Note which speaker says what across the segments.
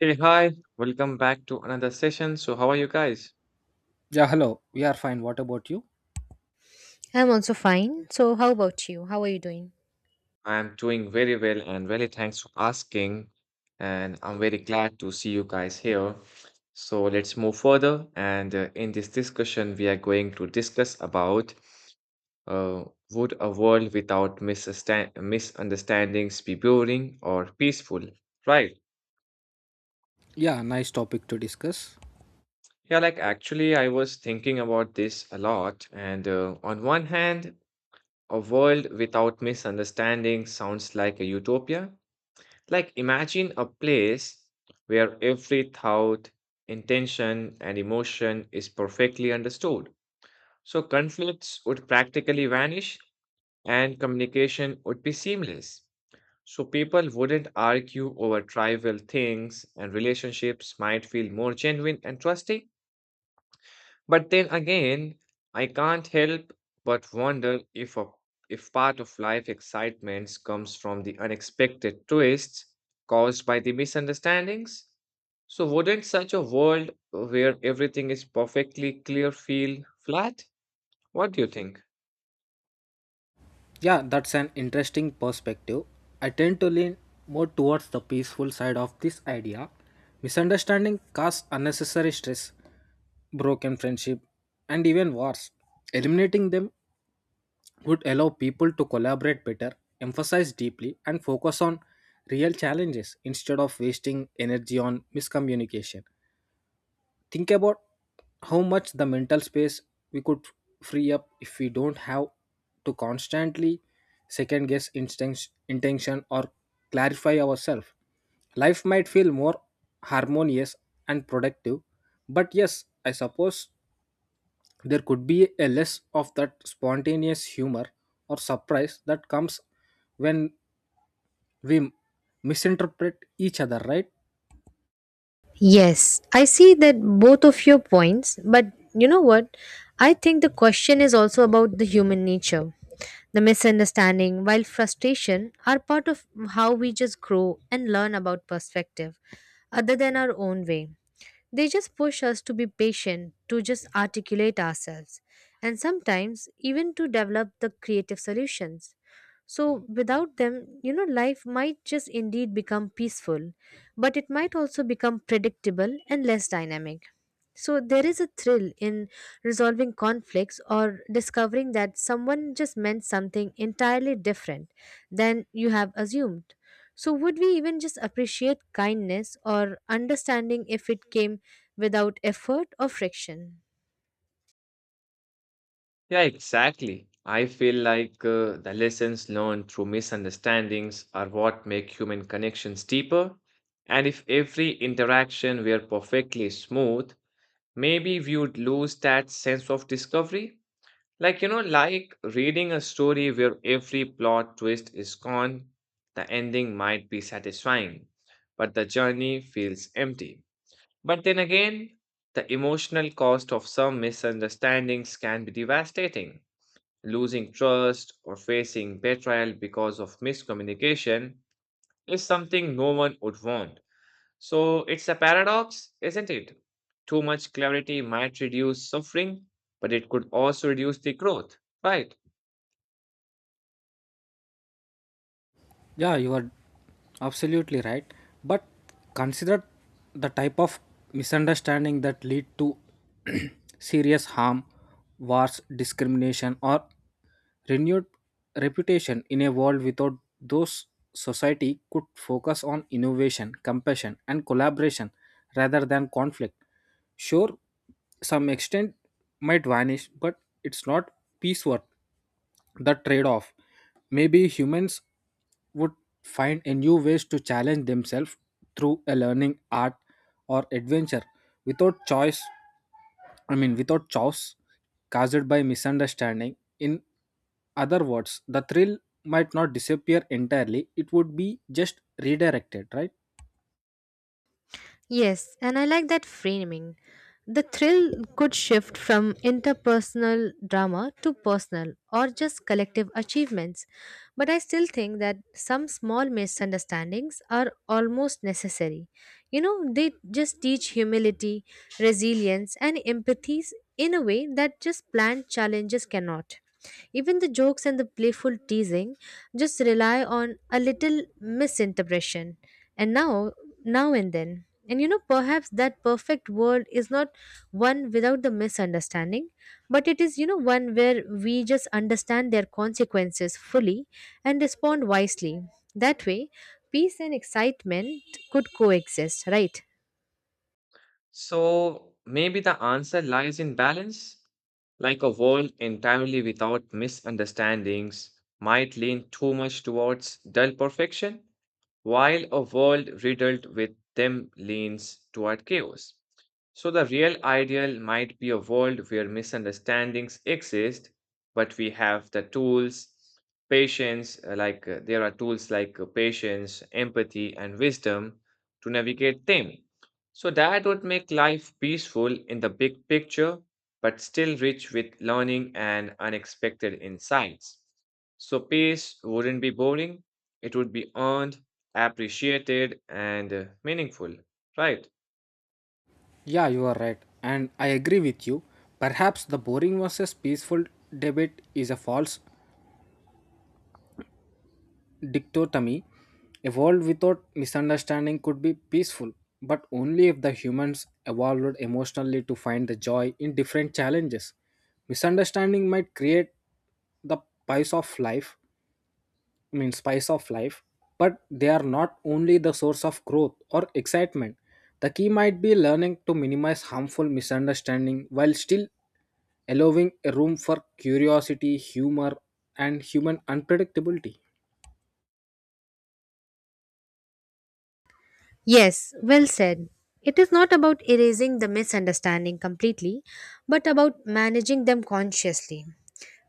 Speaker 1: Hey, hi, welcome back to another session. So, how are you guys?
Speaker 2: Yeah, hello. We are fine. What about you?
Speaker 3: I'm also fine. So, how about you? How are you doing?
Speaker 1: I'm doing very well and really thanks for asking. And I'm very glad to see you guys here. So, let's move further. And in this discussion, we are going to discuss about uh, would a world without misunderstandings be boring or peaceful? Right.
Speaker 2: Yeah, nice topic to discuss.
Speaker 1: Yeah, like actually, I was thinking about this a lot. And on one hand, a world without misunderstanding sounds like a utopia. Like, imagine a place where every thought, intention, and emotion is perfectly understood. So, conflicts would practically vanish and communication would be seamless. So, people wouldn't argue over trivial things, and relationships might feel more genuine and trusting. But then again, I can't help but wonder if part of life excitement comes from the unexpected twists caused by the misunderstandings. So wouldn't such a world where everything is perfectly clear feel flat? What do you think?
Speaker 2: Yeah, that's an interesting perspective. I tend to lean more towards the peaceful side of this idea. Misunderstanding causes unnecessary stress, broken friendship, and even wars. Eliminating them would allow people to collaborate better, emphasize deeply, and focus on real challenges instead of wasting energy on miscommunication. Think about how much the mental space we could free up if we don't have to constantly second guess instincts, intention or clarify ourselves. Life might feel more harmonious and productive, but yes, I suppose there could be a less of that spontaneous humor or surprise that comes when we misinterpret each other, right?
Speaker 3: Yes, I see that both of your points, but you know what? I think the question is also about the human nature. The misunderstanding, while frustration, are part of how we just grow and learn about perspective other than our own way. They just push us to be patient, to just articulate ourselves, and sometimes even to develop the creative solutions. So, without them, you know, life might just indeed become peaceful, but it might also become predictable and less dynamic. So, there is a thrill in resolving conflicts or discovering that someone just meant something entirely different than you have assumed. So, would we even just appreciate kindness or understanding if it came without effort or friction?
Speaker 1: Yeah, exactly. I feel like the lessons learned through misunderstandings are what make human connections deeper. And if every interaction were perfectly smooth, maybe we would lose that sense of discovery. Like, you know, like reading a story where every plot twist is gone, the ending might be satisfying, but the journey feels empty. But then again, the emotional cost of some misunderstandings can be devastating. Losing trust or facing betrayal because of miscommunication is something no one would want. So it's a paradox, isn't it? Too much clarity might reduce suffering, but it could also reduce the growth, right?
Speaker 2: Yeah, you are absolutely right. But consider the type of misunderstanding that lead to serious harm, wars, discrimination, or renewed reputation in a world without those, society could focus on innovation, compassion, and collaboration rather than conflict. Sure, some extent might vanish, but it's not peace worth the trade off. Maybe humans would find a new ways to challenge themselves through a learning art or adventure without choice I mean without chaos caused by misunderstanding. In other words, the thrill might not disappear entirely. It would be just redirected, right?
Speaker 3: Yes, and I like that framing. The thrill could shift from interpersonal drama to personal or just collective achievements, but I still think that some small misunderstandings are almost necessary. You know, they just teach humility, resilience, and empathies in a way that just planned challenges cannot. Even the jokes and the playful teasing just rely on a little misinterpretation. And now and then. And you know, perhaps that perfect world is not one without the misunderstanding, but it is, you know, one where we just understand their consequences fully and respond wisely. That way, peace and excitement could coexist, right?
Speaker 1: So maybe the answer lies in balance, like a world entirely without misunderstandings might lean too much towards dull perfection, while a world riddled with them leans toward chaos. So the real ideal might be a world where misunderstandings exist, but we have the tools, patience, like there are tools like patience, empathy, and wisdom to navigate them. So that would make life peaceful in the big picture, but still rich with learning and unexpected insights. So peace wouldn't be boring, it would be earned, appreciated, and meaningful. Right?
Speaker 2: Yeah, you are right. And I agree with you. Perhaps the boring versus peaceful debate is a false dichotomy evolved without misunderstanding could be peaceful, but only if the humans evolved emotionally to find the joy in different challenges. Misunderstanding might create the spice of life, spice of life, but they are not only the source of growth or excitement. The key might be learning to minimize harmful misunderstanding while still allowing a room for curiosity, humor, and human unpredictability.
Speaker 3: Yes, well said. It is not about erasing the misunderstanding completely, but about managing them consciously.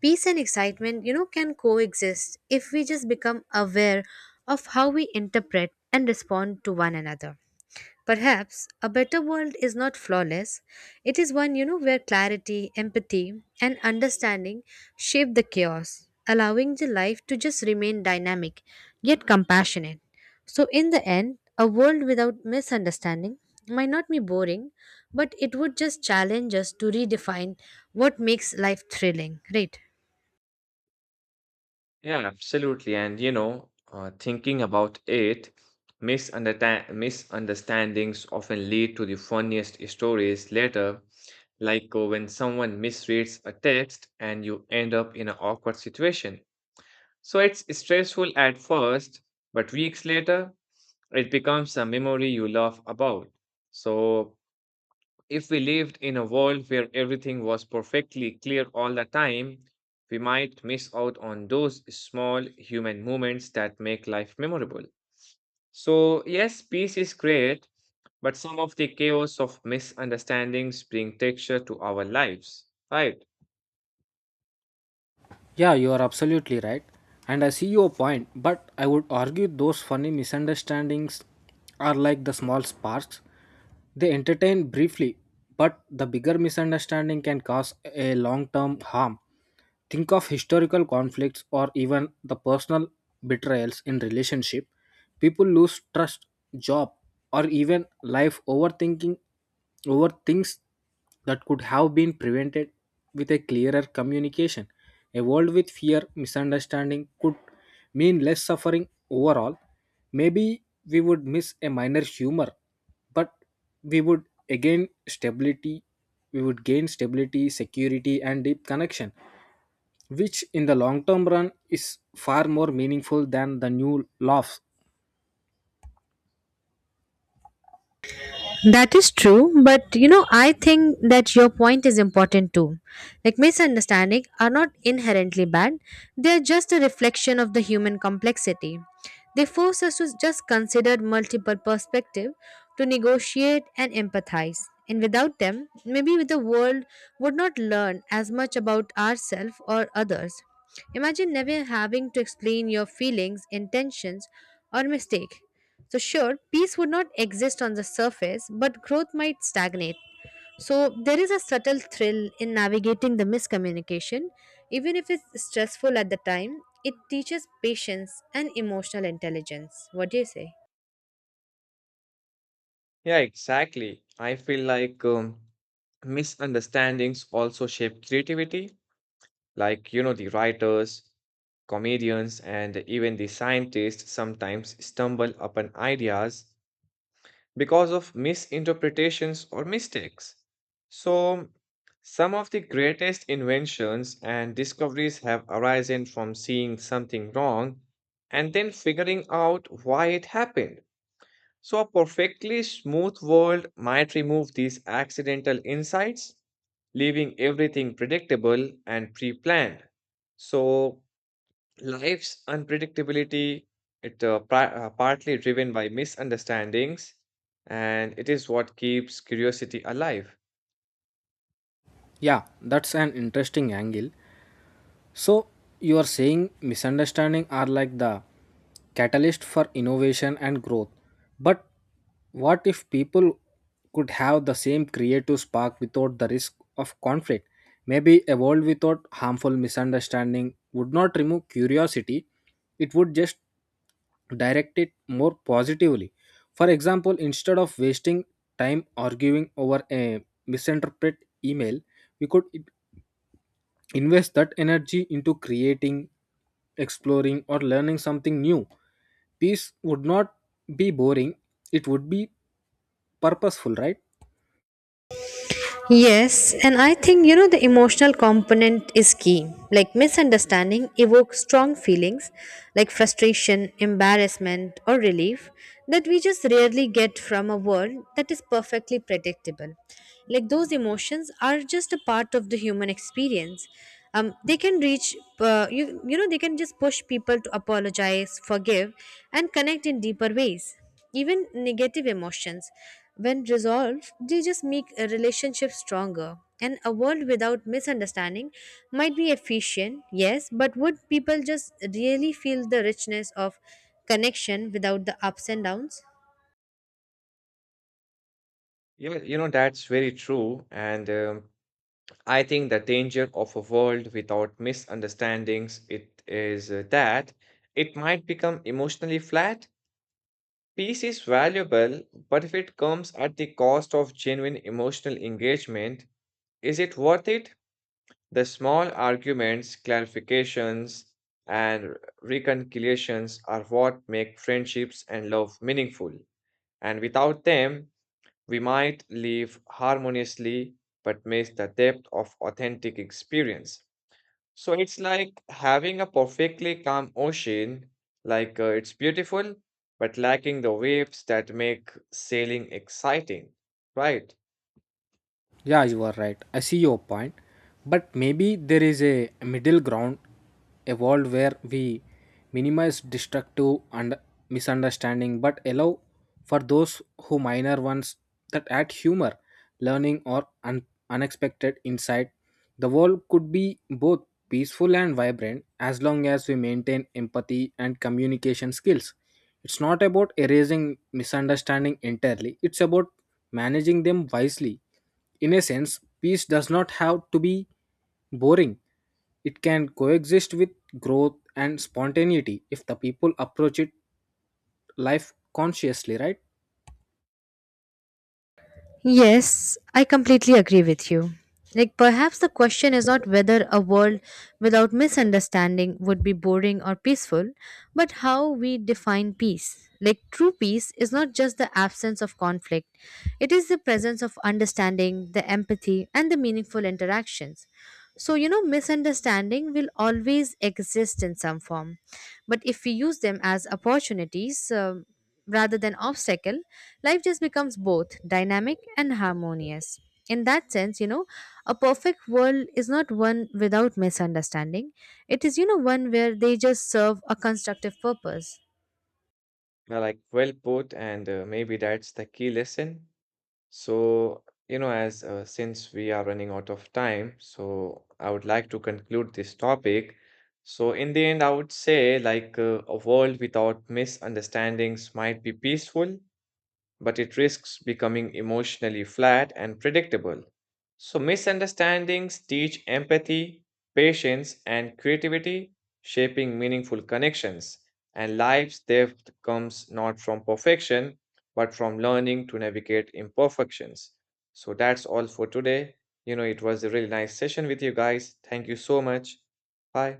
Speaker 3: Peace and excitement, you know, can coexist if we just become aware of how we interpret and respond to one another. Perhaps a better world is not flawless. It is one, you know, where clarity, empathy, and understanding shape the chaos, allowing the life to just remain dynamic yet compassionate. So, in the end, a world without misunderstanding might not be boring, but it would just challenge us to redefine what makes life thrilling, right?
Speaker 1: Yeah, absolutely. And you know, thinking about it, misunderstandings often lead to the funniest stories later, like when someone misreads a text and you end up in an awkward situation. So it's stressful at first, but weeks later, it becomes a memory you laugh about. So if we lived in a world where everything was perfectly clear all the time, we might miss out on those small human moments that make life memorable. So, yes, peace is great, but some of the chaos of misunderstandings bring texture to our lives, right?
Speaker 2: Yeah, you are absolutely right. And I see your point, but I would argue those funny misunderstandings are like the small sparks. They entertain briefly, but the bigger misunderstanding can cause a long term harm. Think of historical conflicts or even the personal betrayals in relationship. People lose trust, job, or even life overthinking over things that could have been prevented with a clearer communication. A world with fear, misunderstanding could mean less suffering overall. Maybe we would miss a minor humor, but we would again stability we would gain stability, security and deep connection, which in the long term run is far more meaningful than the new laughs.
Speaker 3: That is true, but you know, I think that your point is important too. Like misunderstanding are not inherently bad, they are just a reflection of the human complexity. They force us to just consider multiple perspectives to negotiate and empathize. And without them, maybe the world would not learn as much about ourselves or others. Imagine never having to explain your feelings, intentions, or mistake. So, sure, peace would not exist on the surface, but growth might stagnate. So, there is a subtle thrill in navigating the miscommunication. Even if it's stressful at the time, it teaches patience and emotional intelligence. What do you say?
Speaker 1: Yeah, exactly. I feel like misunderstandings also shape creativity. Like, you know, the writers, comedians, and even the scientists sometimes stumble upon ideas because of misinterpretations or mistakes. So, some of the greatest inventions and discoveries have arisen from seeing something wrong and then figuring out why it happened. So, a perfectly smooth world might remove these accidental insights, leaving everything predictable and pre planned. So, life's unpredictability partly driven by misunderstandings and it is what keeps curiosity alive.
Speaker 2: Yeah, that's an interesting angle. So you are saying misunderstanding are like the catalyst for innovation and growth. But what if people could have the same creative spark without the risk of conflict? Maybe a world without harmful misunderstanding would not remove curiosity, it would just direct it more positively. For example, instead of wasting time arguing over a misinterpreted email, we could invest that energy into creating, exploring, or learning something new. Peace would not be boring, it would be purposeful, right?
Speaker 3: Yes, and I think you know the emotional component is key. Like misunderstanding evokes strong feelings like frustration, embarrassment, or relief that we just rarely get from a world that is perfectly predictable. Like those emotions are just a part of the human experience. They can reach, you know, they can just push people to apologize, forgive, and connect in deeper ways. Even negative emotions, when resolved, they just make a relationship stronger. And a world without misunderstanding might be efficient, yes, but would people just really feel the richness of connection without the ups and downs?
Speaker 1: You know, you know that's very true and I think the danger of a world without misunderstandings it is that it might become emotionally flat. Peace is valuable, but if it comes at the cost of genuine emotional engagement, is it worth it? The small arguments, clarifications, and reconciliations are what make friendships and love meaningful. And without them, we might live harmoniously but miss the depth of authentic experience. So it's like having a perfectly calm ocean, like it's beautiful, but lacking the waves that make sailing exciting, right?
Speaker 2: Yeah, you are right. I see your point. But maybe there is a middle ground, a world where we minimize destructive and misunderstanding but allow for those who minor ones that add humor, learning, or unexpected insight. The world could be both peaceful and vibrant as long as we maintain empathy and communication skills. It's not about erasing misunderstanding entirely, it's about managing them wisely. In a sense, peace does not have to be boring, it can coexist with growth and spontaneity if the people approach it life consciously, right?
Speaker 3: Yes, I completely agree with you. Like, perhaps the question is not whether a world without misunderstanding would be boring or peaceful, but how we define peace. Like, true peace is not just the absence of conflict, it is the presence of understanding, the empathy, and the meaningful interactions. So, you know, misunderstanding will always exist in some form. But if we use them as opportunities, rather than obstacle, life just becomes both dynamic and harmonious. In that sense, you know, a perfect world is not one without misunderstanding. It is, you know, one where they just serve a constructive purpose.
Speaker 1: Now, like well put, and maybe that's the key lesson. So, you know, as since we are running out of time, so I would like to conclude this topic. So, in the end, I would say like a world without misunderstandings might be peaceful, but it risks becoming emotionally flat and predictable. So, misunderstandings teach empathy, patience, and creativity, shaping meaningful connections. And life's depth comes not from perfection, but from learning to navigate imperfections. So, that's all for today. You know, it was a really nice session with you guys. Thank you so much. Bye.